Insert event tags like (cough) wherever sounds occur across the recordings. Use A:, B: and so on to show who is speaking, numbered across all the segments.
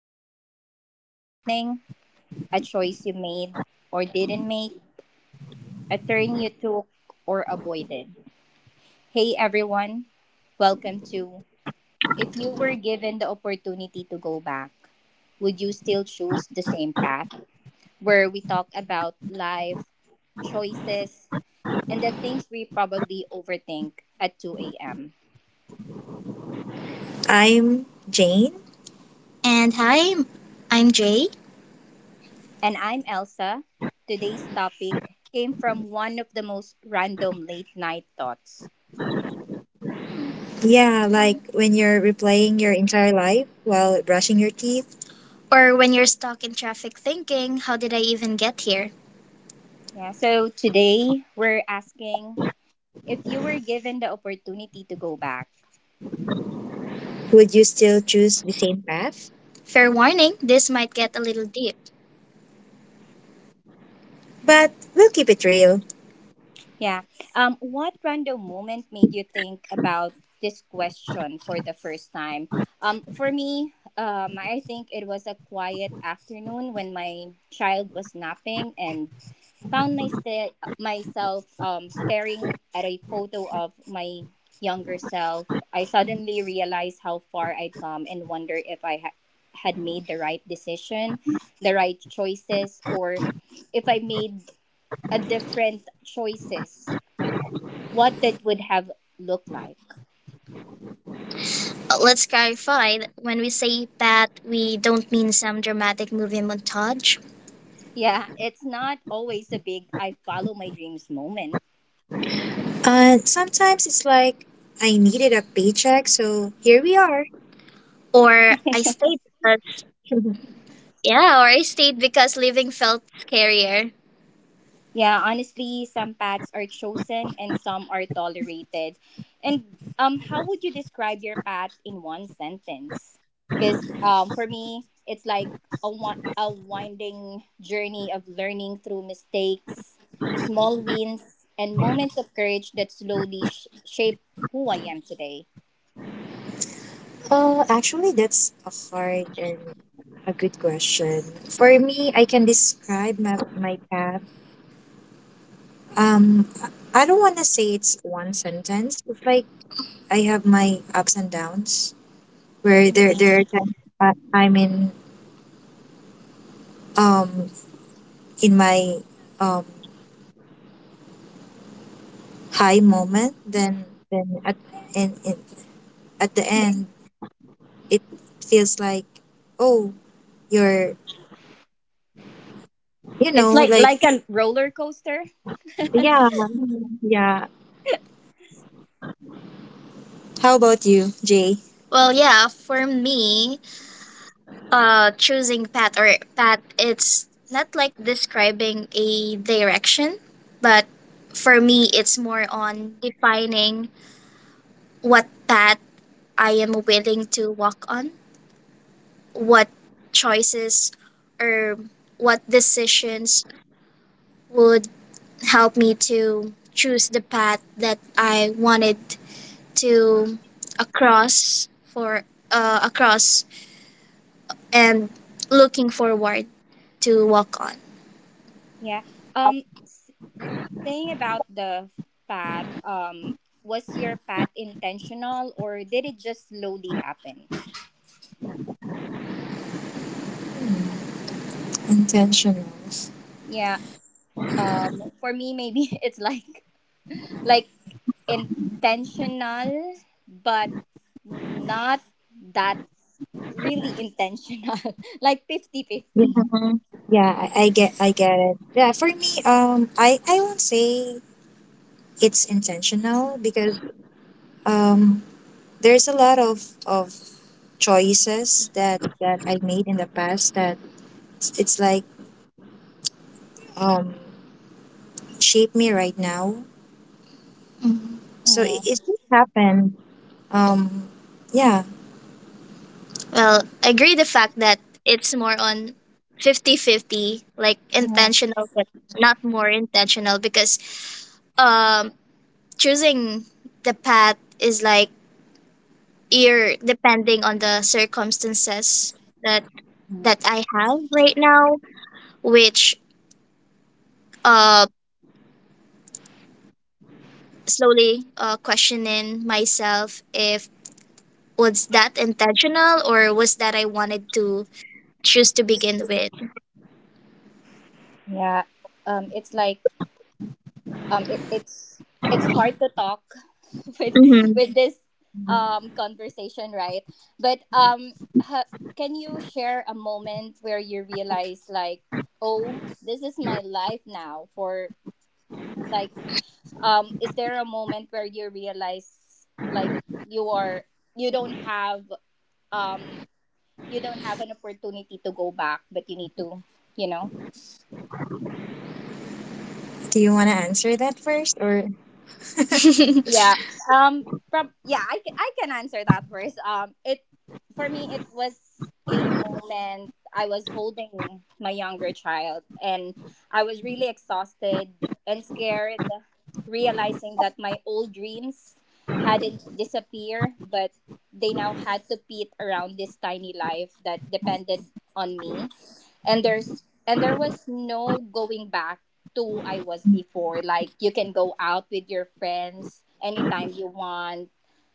A: moment that changed everything? A choice you made or didn't make? A turn you took or avoided? Hey everyone, welcome to If you were given the opportunity to go back, would you still choose the same path? Where we talk about life, choices, and the things we probably overthink at 2 a.m.
B: I'm Jane. And hi, I'm Jay.
A: And I'm Elsa. Today's topic came from one of the most random late night thoughts.
B: Yeah, like when you're replaying your entire life while brushing your teeth, or when you're stuck in traffic thinking, how did I even get here?
A: Yeah, so today we're asking if you were given the opportunity to go back.
B: Would you still choose the same path? Fair warning, this might get a little deep. But we'll keep it real.
A: Yeah. What random moment made you think about this question for the first time? For me, I think it was a quiet afternoon when my child was napping and found myself staring at a photo of my younger self. I suddenly realized how far I'd come and wonder if had made the right decision, the right choices, or if I made a different choices what that would have looked like.
B: Let's clarify that when we say path, we don't mean some dramatic movie montage.
A: Yeah, it's not always a big I follow my dreams moment.
B: Sometimes it's like I needed a paycheck, so here we are. Or I stayed because (laughs) yeah, or I stayed because living felt scarier.
A: Yeah, honestly, some paths are chosen and some are tolerated. And how would you describe your path in one sentence? Cuz for me, it's like a winding journey of learning through mistakes, small wins, and moments of courage that slowly shape who I am today.
B: Actually, that's a hard and a good question. For me, I can describe my path. Um, I don't want to say it's one sentence. It's like I have my ups and downs where there are
A: Mhm.
B: times I- I'm um in my um high moment. Then at, and at the end it feels like, oh, you're,
A: It's like
B: like,
A: like a roller coaster.
B: yeah, yeah. How about you, Jay? Well, yeah, for me, choosing path or path, it's not like describing a direction, but for me, it's more on defining what path I am willing to walk on, what choices or what decisions would helped me to choose the path that I wanted to across for across and looking forward to walk on.
A: Yeah. Um, saying about the path, was your path intentional or did it just slowly happen?
B: Intentional.
A: Yeah. For me, maybe (laughs) it's like intentional, but not that really intentional. (laughs) like 50-50.
B: Yeah, yeah, I get it. Yeah, for me, I won't say it's intentional because um, there's a lot of choices that I made in the past that it's like um shape me right now. Mhm. So it
A: Mm-hmm.
B: just happened. Um, yeah. Well, I agree the fact that it's more on fifty-fifty, like
A: Mm-hmm.
B: intentional but not more intentional because um choosing the path is like you're depending on the circumstances that I have right now, which uh slowly questioning myself if was that intentional or was that I wanted to choose to begin with.
A: Yeah. It's like um it, it's it's hard to talk (laughs) with with
B: Hmm.
A: this conversation, right? But ha- can you share a moment where you realize like, oh, this is my life now? For like, is there a moment where you realize like you are you don't have um you don't have an opportunity to go back, but you need to you know
B: Do you want to answer that first or (laughs)
A: yeah. um yeah, I can answer that first. It For me it was a moment. I was holding my younger child and I was really exhausted and scared, realizing that my old dreams hadn't disappeared, but they now had to fit around this tiny life that depended on me, and there was no going back to I was before. Like you can go out with your friends anytime you want.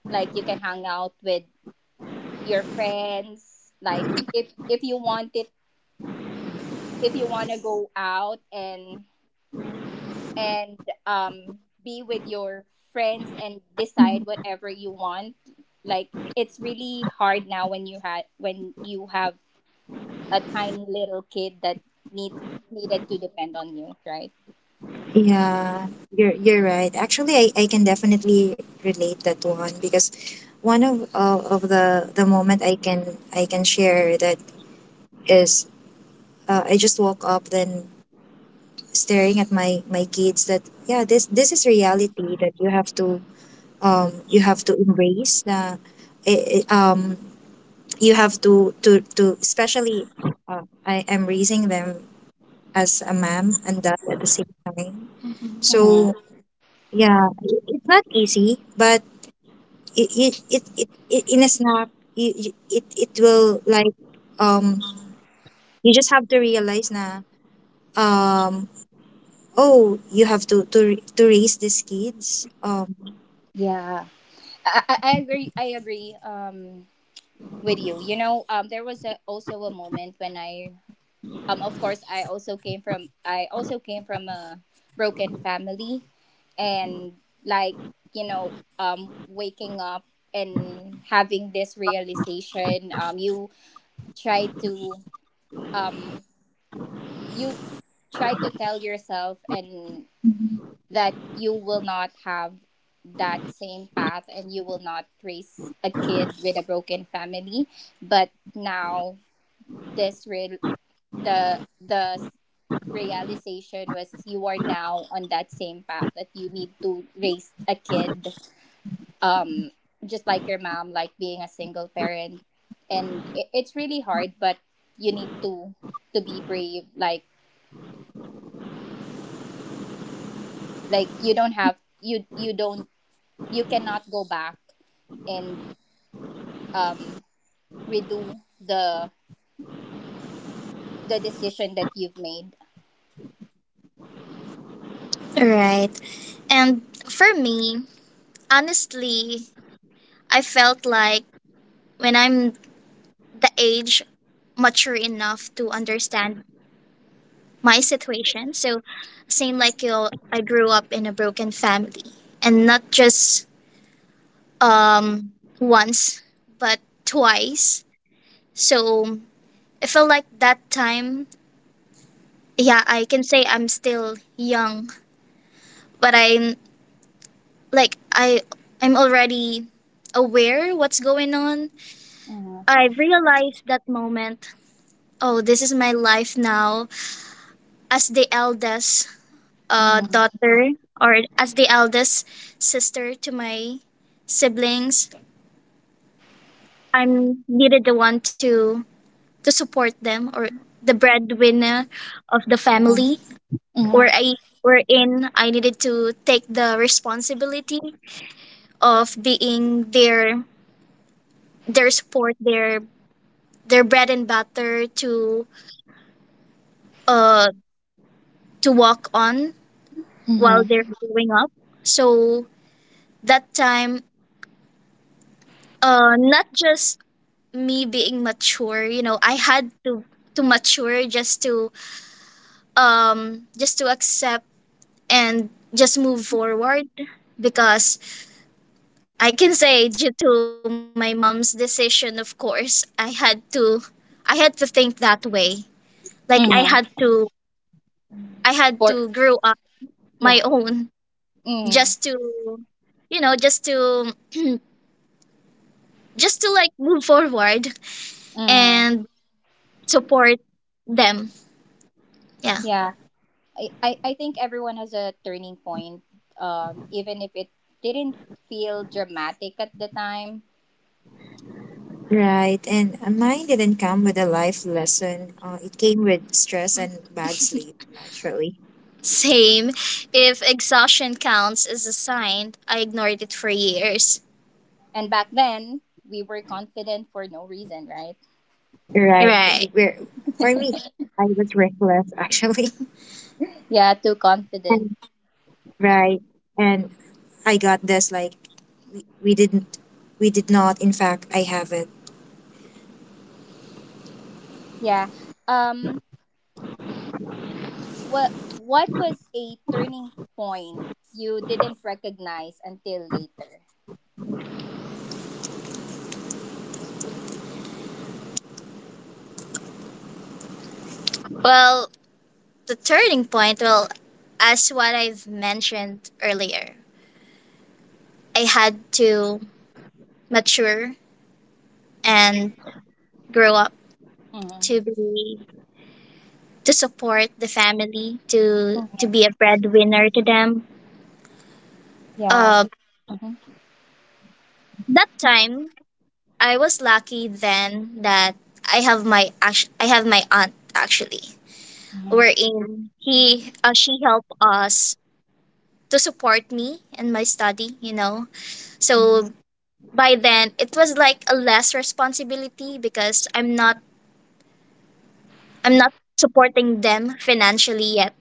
A: Like you can hang out with your friends. Like if you want it, if you want to go out and and um be with your friends and decide whatever you want. Like it's really hard now when you had when you have a tiny little kid that needs needed to depend on you, right?
B: Yeah, you're right. Actually, I can definitely relate that one because one of the moment I can share that is I just woke up then staring at my kids that yeah this is reality that you have to embrace the it I- you have to especially I am raising them as a mom and dad at the same time.
A: Mhm.
B: So yeah, I- it's not easy, but it in a snap, you- it will like um you just have to realize na um oh you have to ra- to raise these kids
A: Yeah. I agree. I agree. With you. There was also a moment when of course, I also came from a broken family, and like, waking up and having this realization. Try to um, you try to tell yourself and that you will not have that same path and you will not raise a kid with a broken family, but now this the the s- realization was you are now on that same path that you need to raise a kid, um just like your mom, like being a single parent. And it's really hard, but you need to be brave. Like, you don't have, you cannot go back and um redo the decision that you've made.
B: Right. And for me, honestly, I felt like when I'm the age mature enough to understand my situation. So, same like you, I grew up in a broken family, and not just um, once, but twice. So, I feel like that time, yeah, I can say I'm still young, but I'm like I'm already aware what's going on.
A: Mm-hmm.
B: I realized that moment. Oh, this is my life now. As the eldest,
A: Mm-hmm.
B: daughter or as the eldest sister to my siblings. I'm needed the one to support them or the breadwinner of the family
A: Mm-hmm.
B: where I wherein I needed to take the responsibility of being their support, their bread and butter uh to walk on while
A: Mm-hmm.
B: they're growing up. So that time, not just me being mature, I had to mature just to accept and just move forward, because I can say due to my mom's decision, of course I had to think that way, like i had
A: Mm-hmm.
B: to i had
A: For
B: to grow up my
A: yeah.
B: own
A: Mm-hmm.
B: just to you know just to just to like move forward
A: Mm-hmm.
B: and support them, yeah.
A: Yeah. I think everyone has a turning point. Even if it didn't feel dramatic at the time.
B: Right, and mine didn't come with a life lesson. It came with stress and bad (laughs) sleep, actually. Same. If exhaustion counts as a sign, I ignored it for years.
A: And back then we were confident for no reason, right?
B: Right, right, and for me, I was reckless, actually. (laughs)
A: Yeah, too confident.
B: And right, and I got this like we, we didn't, we did not. In fact, I have it.
A: Yeah. Um what was a turning point you didn't recognize until later?
B: Well, the turning point, well, as what I've mentioned earlier, I had to mature and grow up
A: Mhm.
B: to be to support the family, to
A: Mhm.
B: be a breadwinner to them.
A: Yeah.
B: uh
A: So, mhm.
B: that time I was lucky then that I have my aunt, actually,
A: Mhm.
B: wherein he she helped us to support me in my study. So by then it was like a less responsibility because I'm not supporting them financially yet.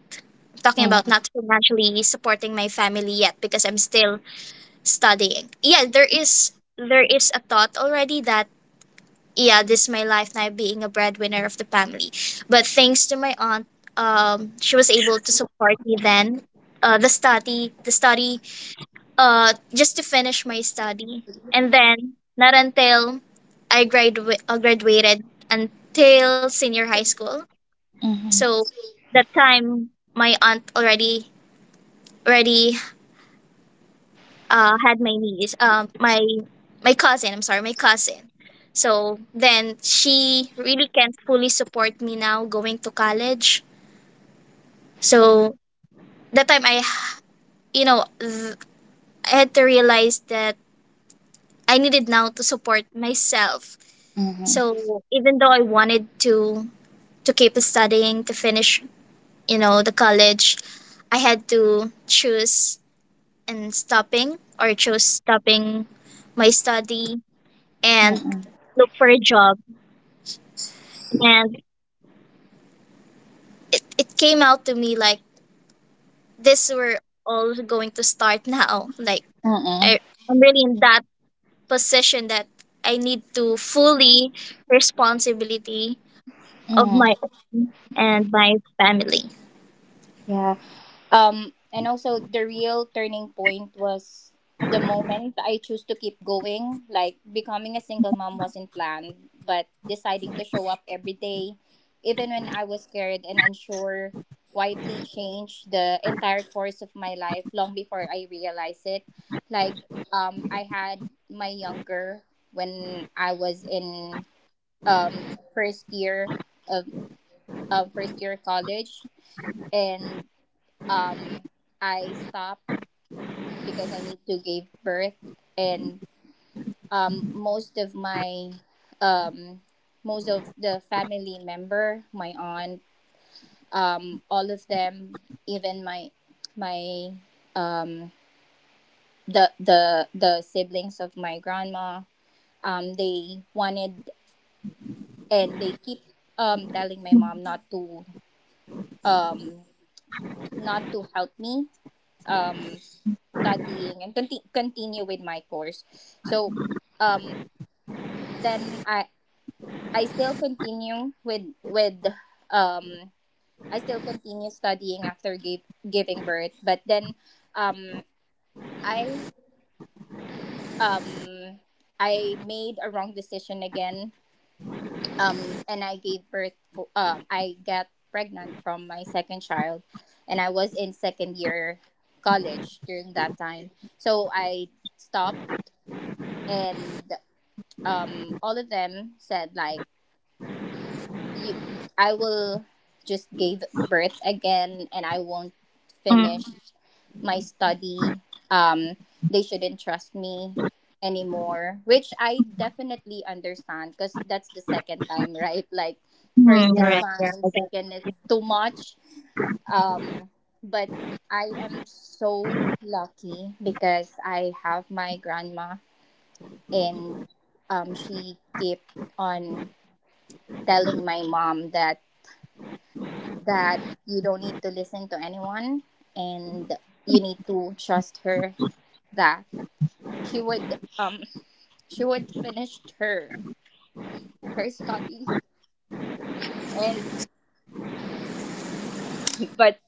B: I'm talking about
A: Mhm.
B: not financially supporting my family yet because I'm still studying. Yeah, there is a thought already that yeah, this is my life now, being a breadwinner of the family. But thanks to my aunt, she was able to support me then. Uh, the study, the study, just to finish my study, and then not until I graduated until senior high school,
A: Mhm.
B: so that time my aunt already had my niece, my cousin. I'm sorry, my cousin. So then she really can't fully support me now going to college. So that time I, you know, th- I had to realize that I needed now to support myself.
A: Mhm.
B: So even though I wanted to keep studying to finish the college, I had to choose and stopping or chose stopping my study
A: Mhm.
B: and
A: Mhm.
B: look for a job, and it came out to me like this we're all going to start now, like
A: Mhm.
B: I,
A: Mhm.
B: I'm really in that position that I need to fully responsibility of
A: Mhm.
B: my own and my family.
A: Yeah. And also the real turning point was the moment I chose to keep going. Like becoming a single mom wasn't planned, but deciding to show up every day, even when I was scared and unsure, quietly changed the entire course of my life long before I realized it. Like, I had my younger when I was in um first year of first year college, and um I stopped because I need to give birth. And um most of my um most of the family member, my aunt, all of them, even my my um the siblings of my grandma, they wanted and they keep telling my mom
B: Mm-hmm.
A: not to, um not to help me, um studying and continue with my course. So um then I still continue um studying after giving birth, but then um I um I made a wrong decision again. And I gave birth for, I got pregnant from my second child, and I was in second year college during that time. So I stopped, and all of them said like, you, I will just give birth again and I won't finish my study. Um they shouldn't trust me anymore, which I definitely understand, cuz that's the second time, right? Like first
B: Mm-hmm. Yeah,
A: is
B: right, yeah,
A: fine,
B: I get it.
A: second is too much. Um but I am so lucky because I have my grandma, and she kept on telling my mom that you don't need to listen to anyone, and you need to trust her that she would um she would finish her study. And but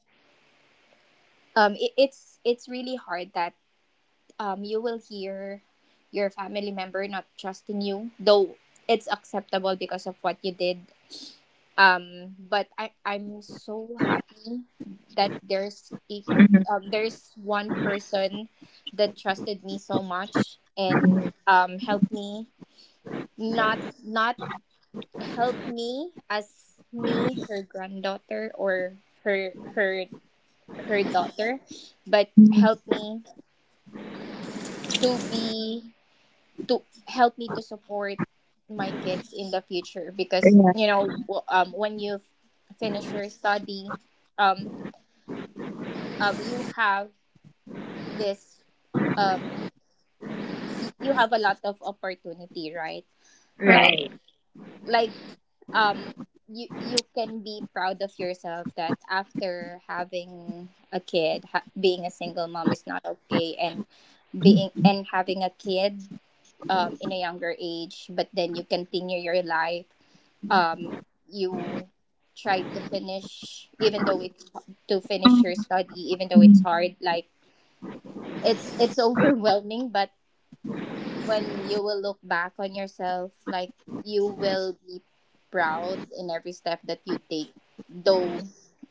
A: um it, it's it's really hard that you will hear your family member not trusting you, though it's acceptable because of what you did. But I'm so happy that
B: Mhm.
A: there's one person that trusted me so much, and helped me, not help me as me her granddaughter or her her her daughter, but
B: Mhm.
A: help me to be, to help me to support my kids in the future. Because,
B: Yeah,
A: when you finish your study, um you have this um you have a lot of opportunity, right? Like,
B: right.
A: like um you you can be proud of yourself that after having a kid, being a single mom is not okay, and being and having a kid in a younger age, but then you continue your life. um you try to finish, even though it's, to finish your study, even though it's
B: Hmm.
A: hard. Like, it's overwhelming, but when you will look back on yourself, like, you will be proud in every step that you take. Though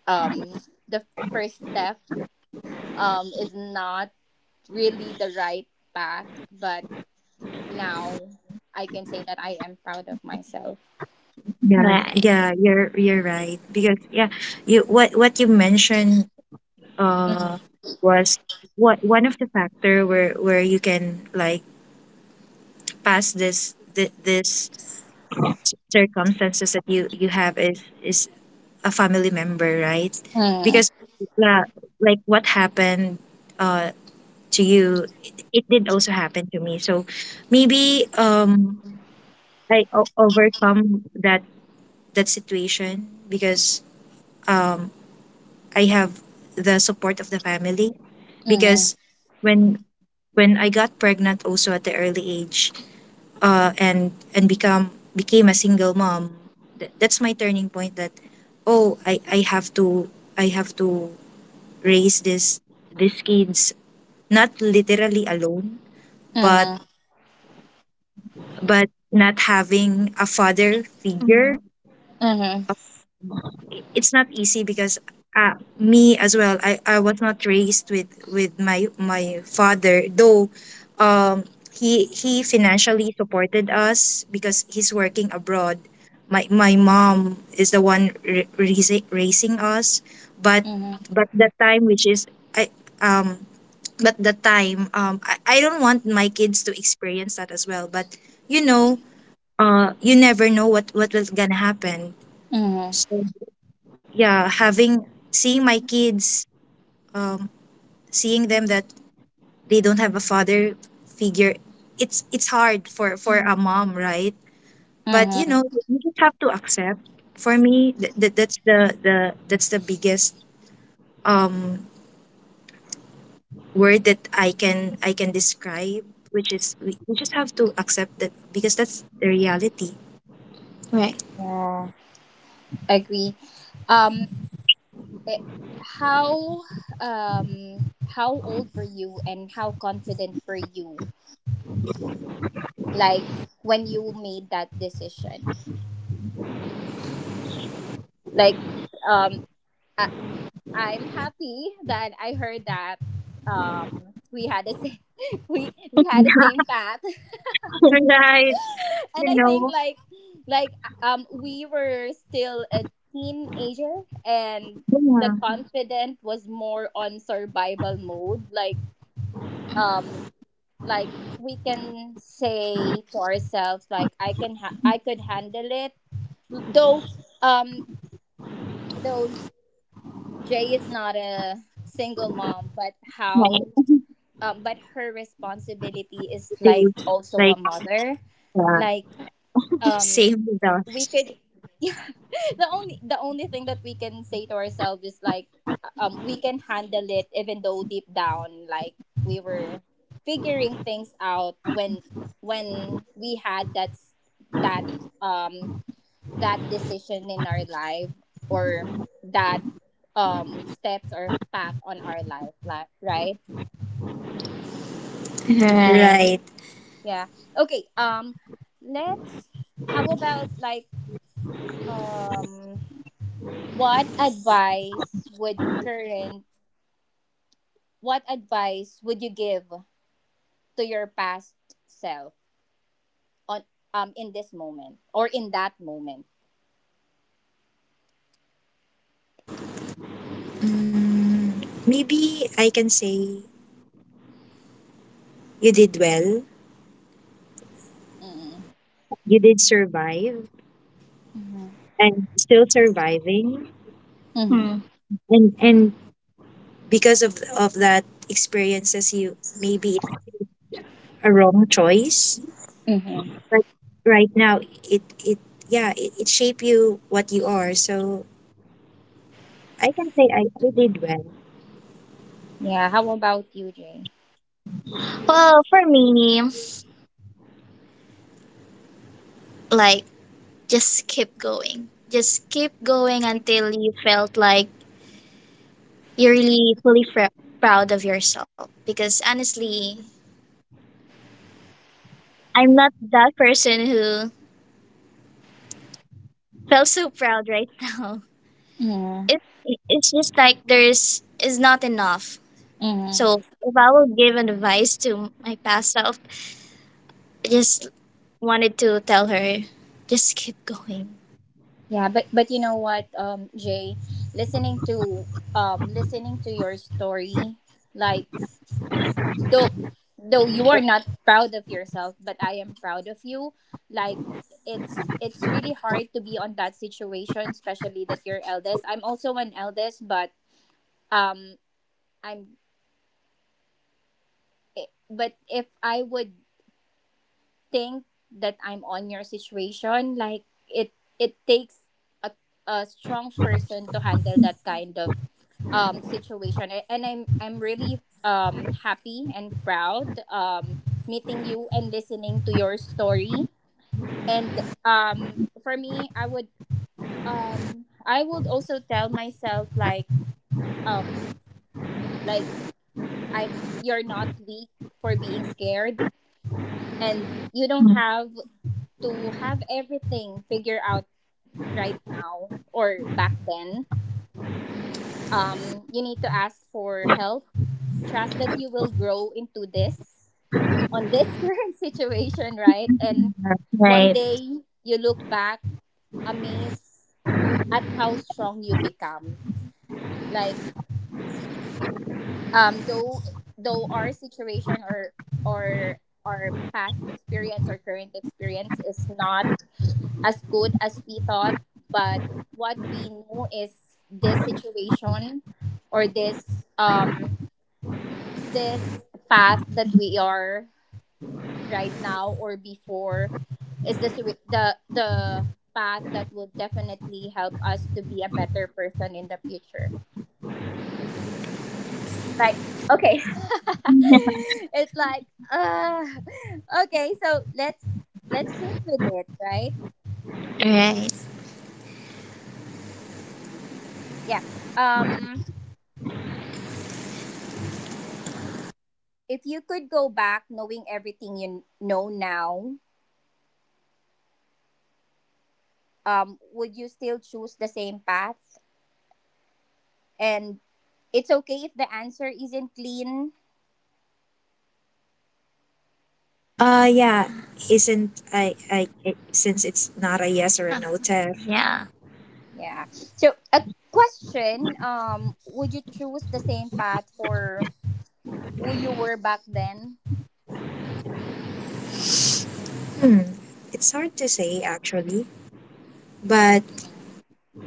A: um the first step is not really the right path, but now I can say that I am proud of myself.
B: Yeah, right. Yeah, you're right. Because yeah, you what you mentioned uh
A: Mm.
B: was what one of the factor where you can, like, pass this circumstances that you have is a family member, right?
A: Mhm.
B: Because yeah, like what happened uh to you, it did also happen to me. So maybe I overcome that situation because um I have the support of the family,
A: Mhm.
B: because when when I got pregnant also at the early age, and become became a single mom, that's my turning point, that oh, I have to raise this these kids, not literally alone, but but not having a father figure.
A: Mhm.
B: It's not easy because me as well, I was not raised with my father, though um he financially supported us because he's working abroad. My mom is the one raising us, but
A: Mhm.
B: but the time which is I um but the time I don't want my kids to experience that as well, but you know you never know what was gonna happen.
A: Mhm.
B: So yeah, having seeing my kids um seeing them that they don't have a father figure, it's hard for a mom, right? But
A: Mhm.
B: you just have to accept. For me, that's the biggest um word that I can describe, which is, we just have to accept that because that's the reality. Right.
A: Yeah. Agree. Um eh, how, how old were you and how confident were you, like, when you made that decision? Like, um I, I'm happy that I heard that, we had the same (laughs) we had the same path.
B: (laughs) Right,
A: (laughs) And
B: you
A: I think,
B: know,
A: like, like we were still a teenager, and
B: yeah.
A: the confident was more on survival mode. Like, um like we can say to ourselves, like, I I could handle it, though. um though Jay is not a single mom,
B: Right.
A: but her responsibility is
B: They
A: like also
B: like,
A: a mother.
B: uh,
A: Like, um
B: same with
A: we
B: us.
A: could (laughs) the only, thing that we can say to ourselves is like, we can handle it, even though deep down, like, we were figuring things out when, we had that, that um decision in our life, or that, steps or path on our life, like, right?
B: Right, right.
A: Yeah. Okay. Let's how about, like, um what advice would current What advice would you give to your past self on, in this moment or in that moment?
B: Mm, maybe I can say you did well.
A: Mm.
B: You did survive,
A: Mm-hmm.
B: and still surviving.
A: Mm-hmm.
B: Hmm. And because of that experiences you maybe a wrong choice.
A: Mm-hmm.
B: But right now, it yeah, it shaped you what you are. So I can say I did well.
A: Yeah. How about you, Jay?
B: Well, for me, like, just keep going. Just keep going until you felt like you're really fully proud of yourself, because honestly, I'm not that person who felt so proud right (laughs) now.
A: Mm-hmm.
B: It, it's just like there's is not enough.
A: Mm-hmm.
B: So if I will give an advice to my past self, I just wanted to tell her, just keep going.
A: Yeah, but you know what, Jay, listening to listening to your story, like though though you are not proud of yourself but I am proud of you. like it's really hard to be on that situation, especially that you're eldest. I'm also an eldest, but um I'm but if I would think that I'm on your situation, like it takes a, a strong person to handle that kind of situation. And I'm really happy and proud, meeting you and listening to your story. And for me, I would I would also tell myself, like um like I you're not weak for being scared, and you don't have to have everything figured out right now or back then. You need to ask for help, trust that you will grow into this, on this (laughs) current situation, right? And one
B: Right,
A: day you look back amazed at how strong you become. Like um though though our situation, or our past experience or current experience is not as good as we thought, but what we know is this situation or this this path that we are right now or before, is this the the path that will definitely help us to be a better person in the future. like okay. (laughs) It's like uh okay, so let's sit with it, right?
B: right.
A: Yeah. um if you could go back knowing everything you know now, would you still choose the same path? And it's okay if the answer isn't clean.
B: Yeah. Isn't I it, Since it's not a yes or a no test, yeah.
A: Yeah. So a question: would you choose the same path for who you were back then?
B: Hmm. It's hard to say actually, but
A: Mm.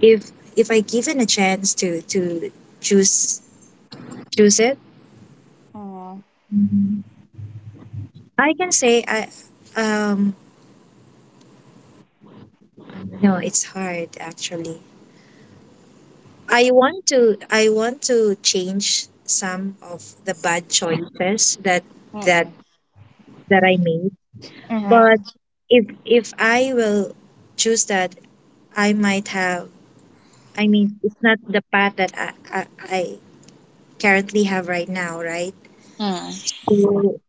B: if I given a chance to choose choose it,
A: Mm.
B: I can say I um no, it's hard actually. I want to change some of the bad choices that
A: Mm.
B: that I made. But
A: Mm.
B: if I will choose that, I might have I mean, it's not the path that I currently have right now, right? So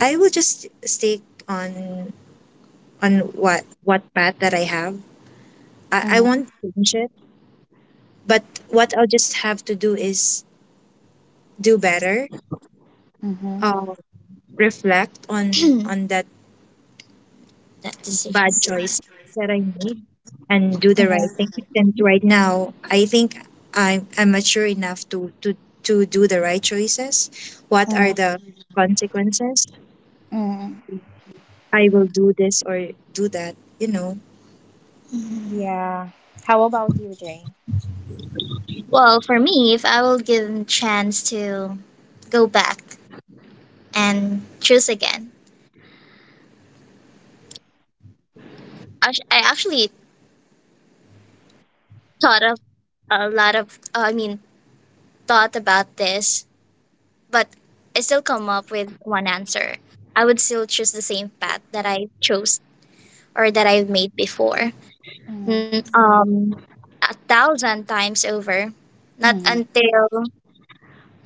B: I will just stick on on what path that I have. I
A: Mm.
B: won't change it, but what I'll just have to do is do better.
A: Mm.
B: Uh, Reflect on (clears throat) on that decision, bad choice that I made, and do the right thing. And right now, I think I'm mature enough to do the right choices. What are
A: Mm.
B: the consequences?
A: Mm.
B: I will do this or do that.
A: Yeah. How about you, Jay?
B: Well, for me, if I will give a chance to go back and choose again. I actually thought of a lot of, thought about this, but I still come up with one answer. I would still choose the same path that I chose or that I've made before.
A: Mm.
B: N- Um, 1,000 times over. Not
A: Mm.
B: until,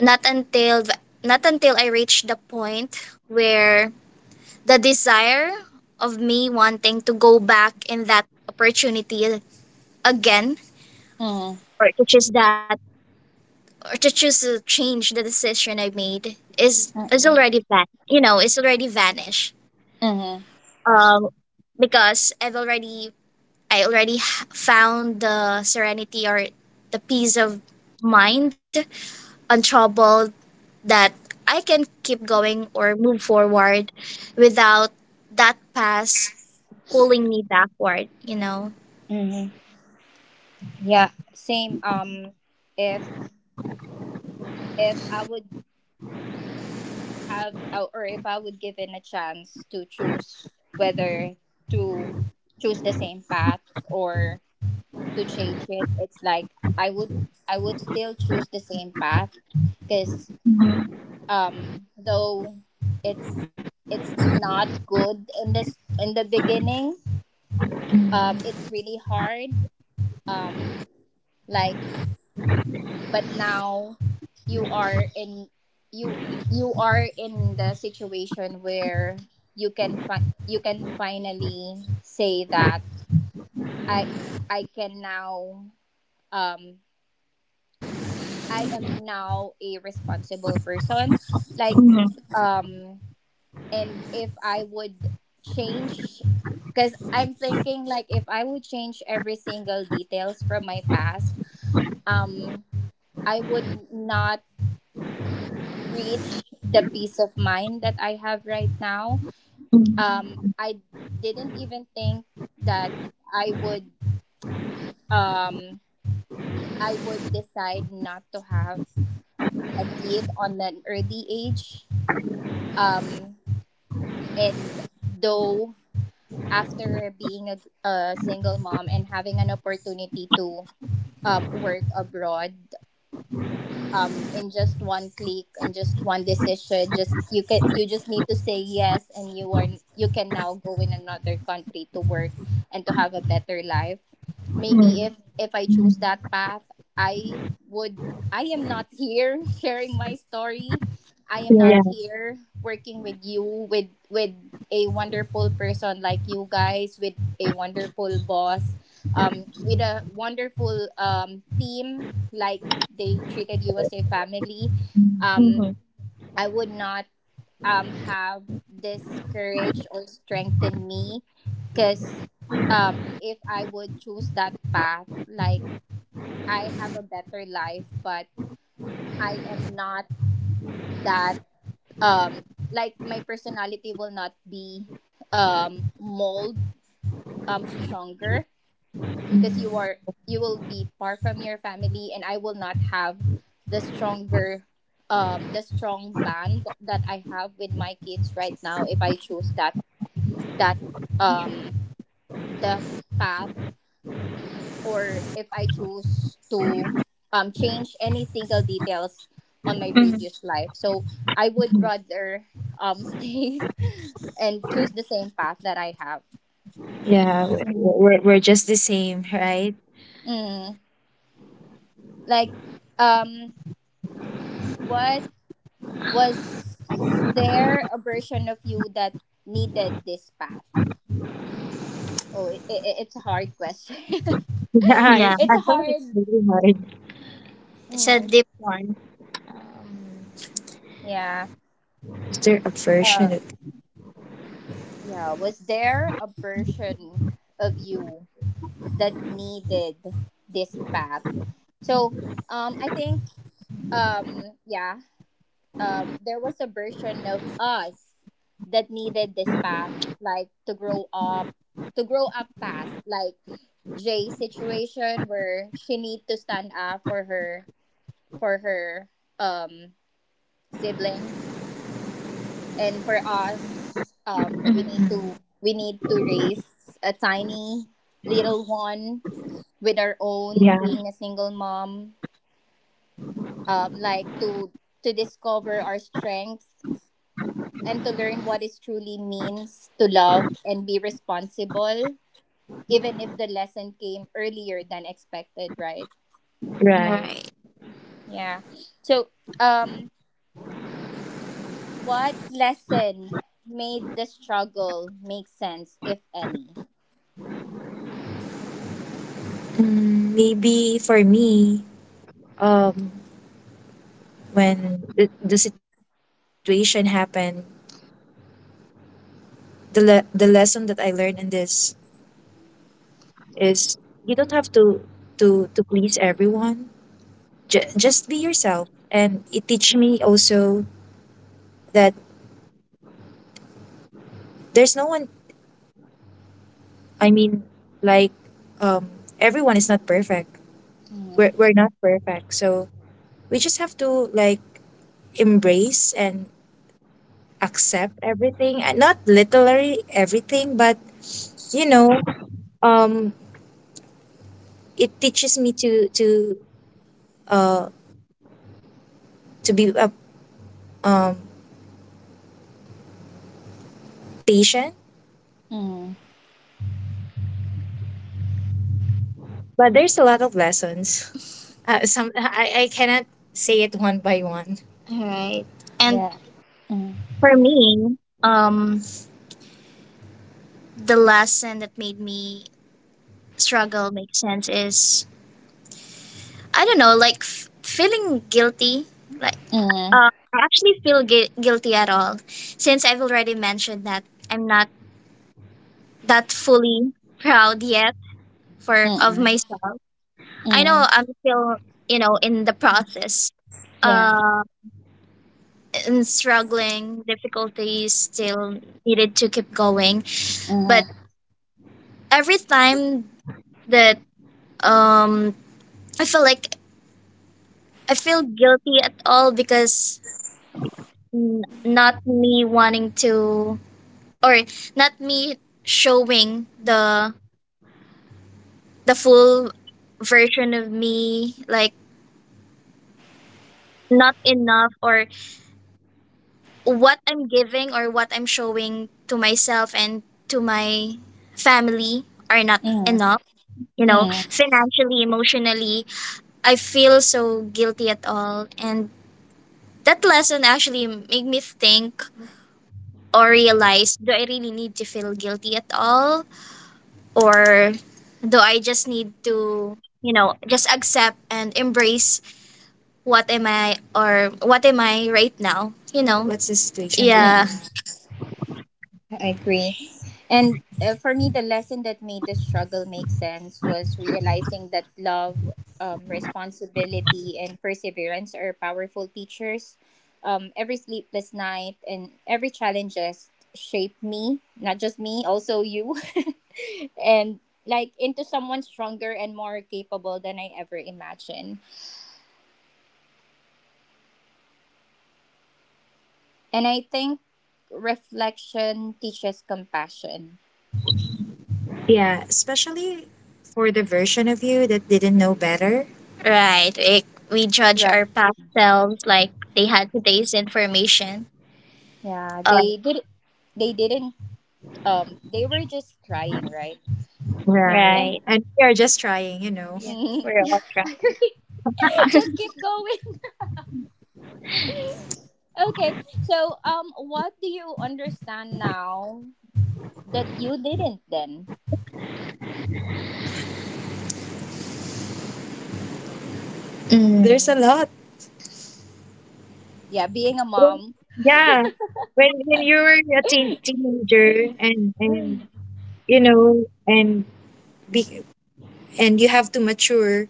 B: not until, not until I reach the point where the desire of me wanting to go back in that opportunity again
A: Mm.
B: or to choose that or to choose to change the decision I made is
A: Mm.
B: already van you know It's already vanished.
A: Mm.
B: um because I've already, I already found the serenity or the peace of mind untroubled, that I can keep going or move forward without that past pulling me backward.
A: Mm-hmm. Yeah, same. If if I would have or if I would given a chance to choose whether to choose the same path or to change it, it's like I would I would still choose the same path because though it's it's not good in this in the beginning. It's really hard. um like but now you are in you you are in the situation where you can you can finally say that i I can now um I am now a responsible person. like
B: Mhm.
A: um and if I would change, because I'm thinking like if I would change every single details from my past, um I would not reach the peace of mind that I have right now.
B: Mhm.
A: I didn't even think that I would um, I would decide not to have a kid on an early age. Um, and though after being a single mom and having an opportunity to work abroad, in just one click, in just one decision, just you can you just need to say yes and you are you can now go in another country to work and to have a better life. Maybe
B: Mhm.
A: if I choose that path, I would I am not here (laughs) sharing my story. I am not
B: Yeah, yeah.
A: here working with you, with a wonderful person like you guys, with a wonderful boss, with a wonderful team. like they treated you as a family. um
B: Mhm,
A: I would not have this courage or strength in me, because if I would choose that path, like I have a better life but I am not that, um like my personality will not be mold, stronger, because you are you will be far from your family and I will not have the stronger, the strong bond that I have with my kids right now, if I choose that, that um the path, or if I choose to change any single details on my previous life. So I would
B: mhm.
A: rather (laughs) stay and choose the same path that I have.
B: Yeah, we're just the same, right?
A: Mm. like um what Was there a version of you that needed this path? Oh, it's a hard question. (laughs)
B: Yeah, it's, yeah,
A: It's a
B: actually
A: hard.
B: really hard. It's a
A: Mm,
B: deep one.
A: yeah.
B: Is there a version of?
A: Um. Yeah. Was there a version of you that needed this path? So, I think, yeah, there was a version of us that needed this path, like to grow up fast, like J situation where she need to stand up for her um siblings,
B: Mm-hmm.
A: and for
B: Mm.
A: us, we need to raise a tiny little one with
B: Yeah.
A: our own, being a single mom, like to discover our strengths and to learn what it truly means to love and be responsible, even if the lesson came earlier than expected, right?
B: Right. Right.
A: Yeah. So um what lesson made the struggle make sense, if any?
B: Mm, maybe for me, um, when the situation happened, the lesson that I learned in this is, you don't have to to please everyone. Just be yourself, and it teach me also that there's no one. I mean, like, um, everyone is not perfect. we're,
A: Mm.
B: we're not perfect, so we just have to, like, embrace and accept everything. Not literally everything, but you know um it teaches me to uh to be a, um patient.
A: Mm.
B: But there's a lot of lessons. (laughs) Some I cannot say it one by one. All right. And
A: Yeah. Mm.
B: for me, um, the lesson that made me struggle make sense is, I don't know, like, feeling guilty. Like,
A: Mm.
B: I actually feel guilty at all, since I've already mentioned that I'm not that fully proud yet for of
A: Mm.
B: myself. I know
A: Mm.
B: I'm still, you know, in the process,
A: Yeah.
B: uh, in struggling, difficulties still needed to keep going. But
A: Mm.
B: every time that, um, I feel like I feel guilty at all because not me wanting to, or not me showing the full version of me, like not enough, or what I'm giving or what I'm showing to myself and to my family are not
A: Mm.
B: enough, you know,
A: Mm.
B: financially, emotionally. I feel so guilty at all, and that lesson actually made me think or realize, do I really need to feel guilty at all, or do I just need to, you know, just accept and embrace what am I or what am I right now, you know? What's the situation, right? Yeah, now?
A: Mm. I agree. And for me, the lesson that made the struggle make sense was realizing that love, responsibility, and perseverance are powerful teachers. Every sleepless night and every challenges shaped me, not just me, also you. And like into someone stronger and more capable than I ever imagined. And I think reflection teaches compassion.
B: Yeah, especially for the version of you that didn't know better. Right. We judge
A: Right.
B: our past selves like they had today's information.
A: Yeah,
B: Um,
A: they did. They didn't they were just crying, right?
B: Right.
A: And
B: Right. And we are just trying, you know. Yeah,
A: Mhm. (laughs)
B: we're
A: Yeah,
B: all trying.
A: I agree. (laughs) Just keep going. (laughs) Okay. So, what do you understand now that you didn't then?
B: Mm. There's a lot.
A: Yeah, being a
B: Well,
A: mom.
B: yeah, when you were a teenager, and you know, and be, and you have to mature,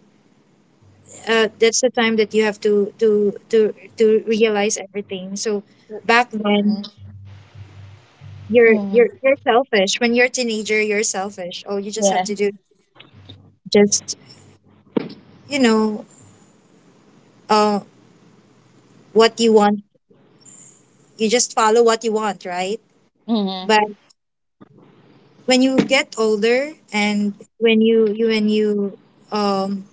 B: that's the time that you have to to realize everything. So back
A: Mm-hmm.
B: then, you're
A: Mm-hmm.
B: you're selfish. When you're a teenager, you're selfish. All you just have
A: Yeah.
B: to do is just, you know, uh what you want. You just follow what you want, right?
A: Mm-hmm.
B: But when you get older and when you, um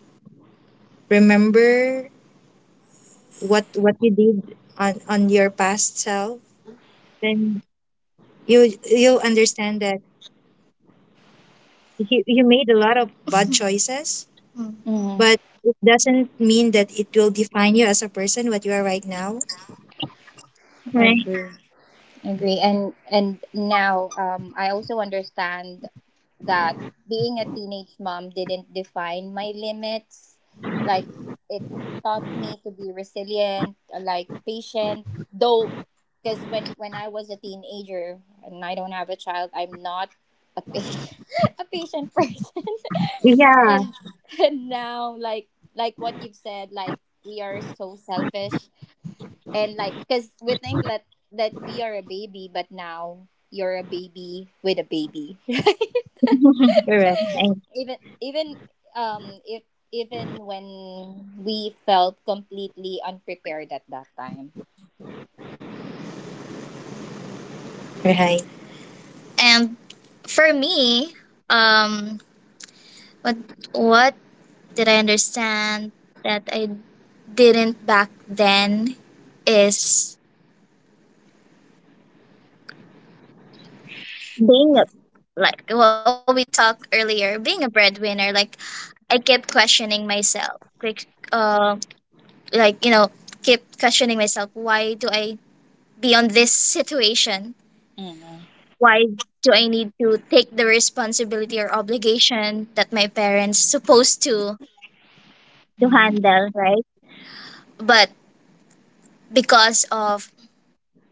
B: remember what you did on your past self, then you understand that you made a lot of bad (laughs) choices,
A: Mm-hmm.
B: but it doesn't mean that it will define you as a person what you are right now. Right.
A: Agree. Agree. And now I also understand that being a teenage mom didn't define my limits. Like it taught me to be resilient, like patient, though because when I was a teenager and I don't have a child, I'm not a patient (laughs) a patient person. (laughs)
B: Yeah.
A: and and now like what you've said, like we are so selfish, and like because we think that we are a baby but now you're a baby with a baby. (laughs)
B: Correct.
A: Even if even when we felt completely unprepared at that time.
B: Right. And for me, um, what what did I understand that I didn't back then is, being a, like what we talked earlier, being a breadwinner, like I kept questioning myself. Like, like, you know, kept questioning myself, why do I be on this situation?
A: Mm-hmm.
B: Why do I need to take the responsibility or obligation that my parents supposed to
A: Mm-hmm.
B: handle, right? But because of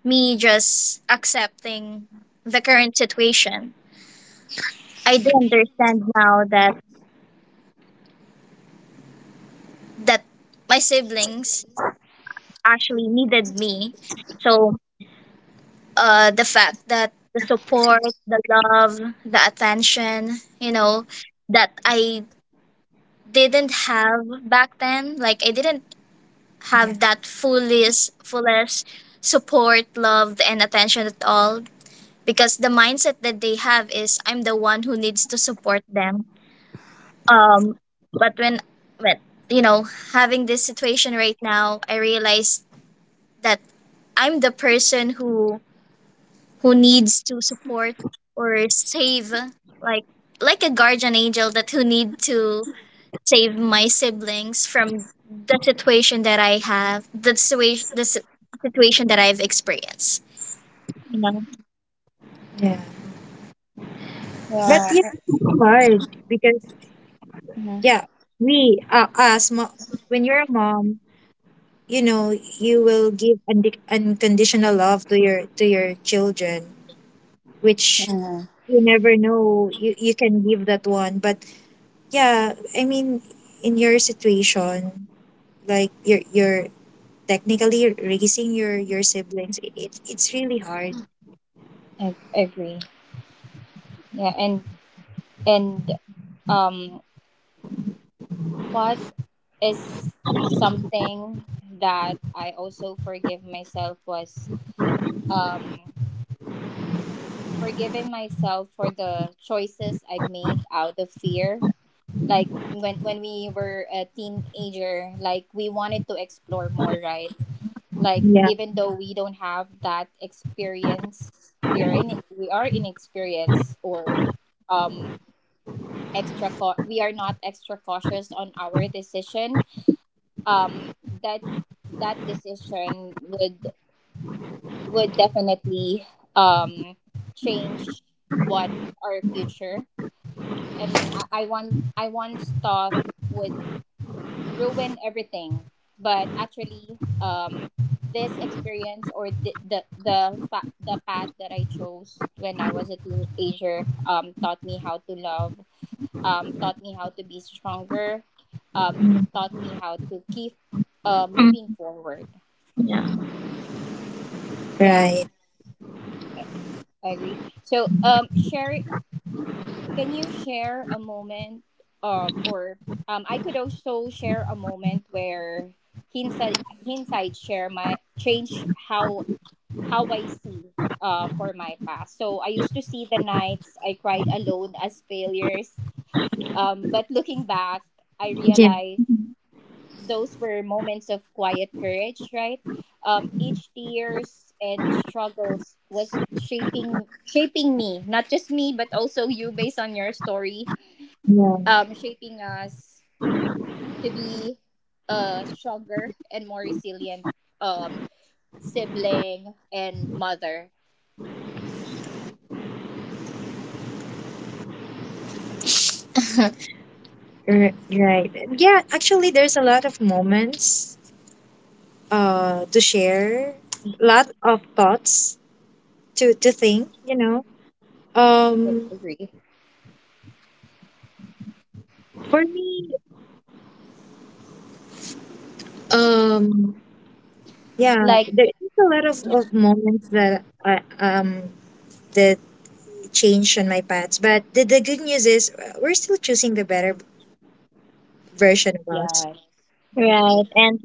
B: me just accepting the current situation, I do understand now that that my siblings actually needed me. So, the fact that the support, the love, the attention, you know, that I didn't have back then, like I didn't have that fullest, fullest support, love, and attention at all. Because the mindset that they have is, I'm the one who needs to support them. Um, but when you know, having this situation right now, I realized that I'm the person who needs to support or save, like like a guardian angel that who need to save my siblings from the situation that I have, the situation, the situation that I've experienced, you know. Yeah. But
A: Yeah.
B: yeah, it's hard because
A: Mm-hmm.
B: yeah, we, when you're a mom, you know, you will give unconditional love to your, to your children, which
A: Mm-hmm.
B: you never know you can give that one, but, yeah, I mean, in your situation, like you're technically raising your siblings. It, it's really hard.
A: I agree. Yeah and um what is something that I also forgive myself was um forgiving myself for the choices I've made out of fear. Like when we were a teenager, like we wanted to explore more, right? Like
B: Yeah.
A: even though we don't have that experience, we are in we are inexperienced or um we are not extra cautious on our decision. Um that that decision would definitely um change what our future, and I want I once thought would ruin everything, but actually, this experience or the path that I chose when I was a teenager taught me how to love, taught me how to be stronger, um taught me how to keep moving
B: Mm.
A: forward. Yeah,
B: Right.
A: I agree. So share can you share a moment or I could also share a moment where hindsight share my change how I see for my past. So I used to see the nights I cried alone as failures. But looking back, I
B: Yeah.
A: realized those were moments of quiet courage, right? Each tears and struggles was shaping me, not just me, but also you based on your story,
B: (laughs)
A: shaping us to be a stronger and more resilient, um, sibling and mother.
B: Yeah. Right. Yeah. Actually, there's a lot of moments, to share, lot of thoughts to think. You know. Um.
A: Agree.
B: For me. Um. Yeah.
A: Like,
B: There's a lot of moments that I that change on my paths. But the good news is, we're still choosing the better version of us.
A: yeah, agree.
B: Right. And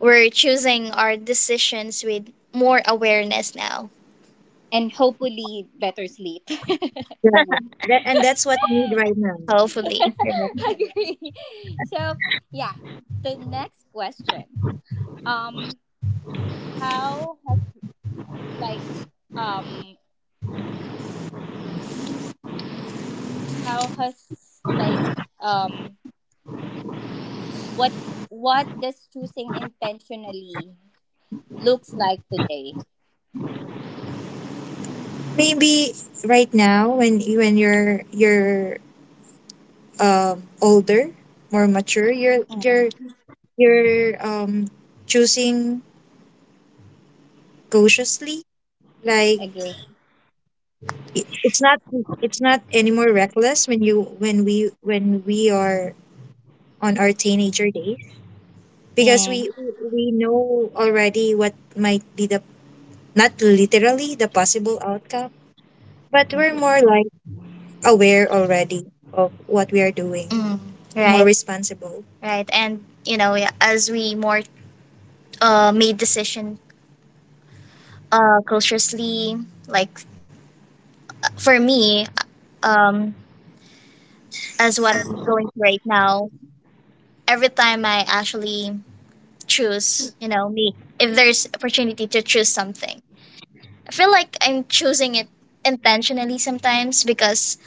B: we're choosing our decisions with more awareness now.
A: And hopefully, better sleep. (laughs)
B: Yeah. (laughs) That, and that's what we need right now. Hopefully. Right.
A: (laughs) Agree. So, yeah, the next question. Um, how has like um how has like um what what does choosing intentionally looks like today.
B: Maybe right now when when you're, older, more mature, you're
A: Mm,
B: you're you're, choosing cautiously. Like,
A: agree.
B: it's not, it's not anymore reckless when you when we are on our teenager days, because
A: Mm,
B: we we know already what might be the, not literally the possible outcome, but we're
A: agree.
B: more like aware already of what we are doing. Mm, more right, responsible, right. And, you know, yeah, as we more, made decision, cautiously, like for me, um, as what I'm going through right now, every time I actually choose, you know, me, if there's opportunity to choose something, I feel like I'm choosing it intentionally sometimes because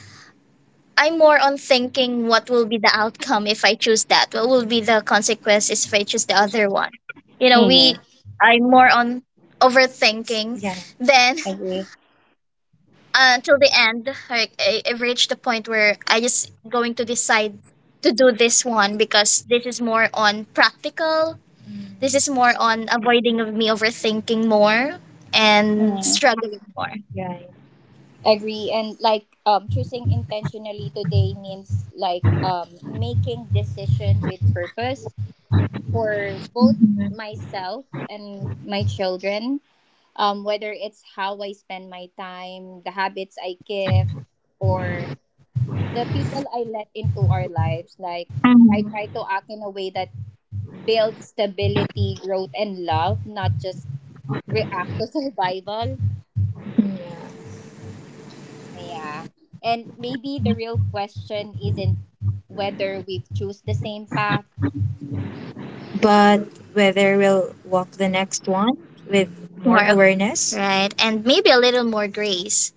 B: I'm more on thinking what will be the outcome if I choose that, what will be the consequences if I choose the other one. You know, we,
A: Mm,
B: I'm more on overthinking. Yeah. Then,
A: agree.
B: until the end, like I, I've reached the point where I just going to decide to do this one because this is more on practical. This is more on avoiding of me overthinking more and
A: Mm,
B: struggling more. Right.
A: agree. And like choosing intentionally today means like making decision with purpose for both myself and my children. Whether it's how I spend my time, the habits I give, or the people I let into our lives, like
B: Mhm.
A: I try to act in a way that build stability, growth, and love, not just react to (laughs) survival.
B: Yeah.
A: Yeah. And maybe the real question isn't whether we've choose the same path.
B: But whether we'll walk the next one with more, more, awareness. Right? And maybe a little more grace.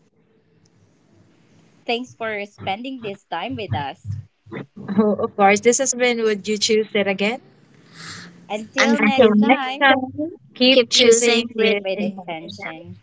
A: Thanks for spending this time with us.
B: Oh, of course, this has been Would You Choose It Again?
A: Until
B: Until
A: next
B: next
A: time,
B: time, keep
A: keep
B: choosing, with
A: choosing with
B: intention.
A: intention.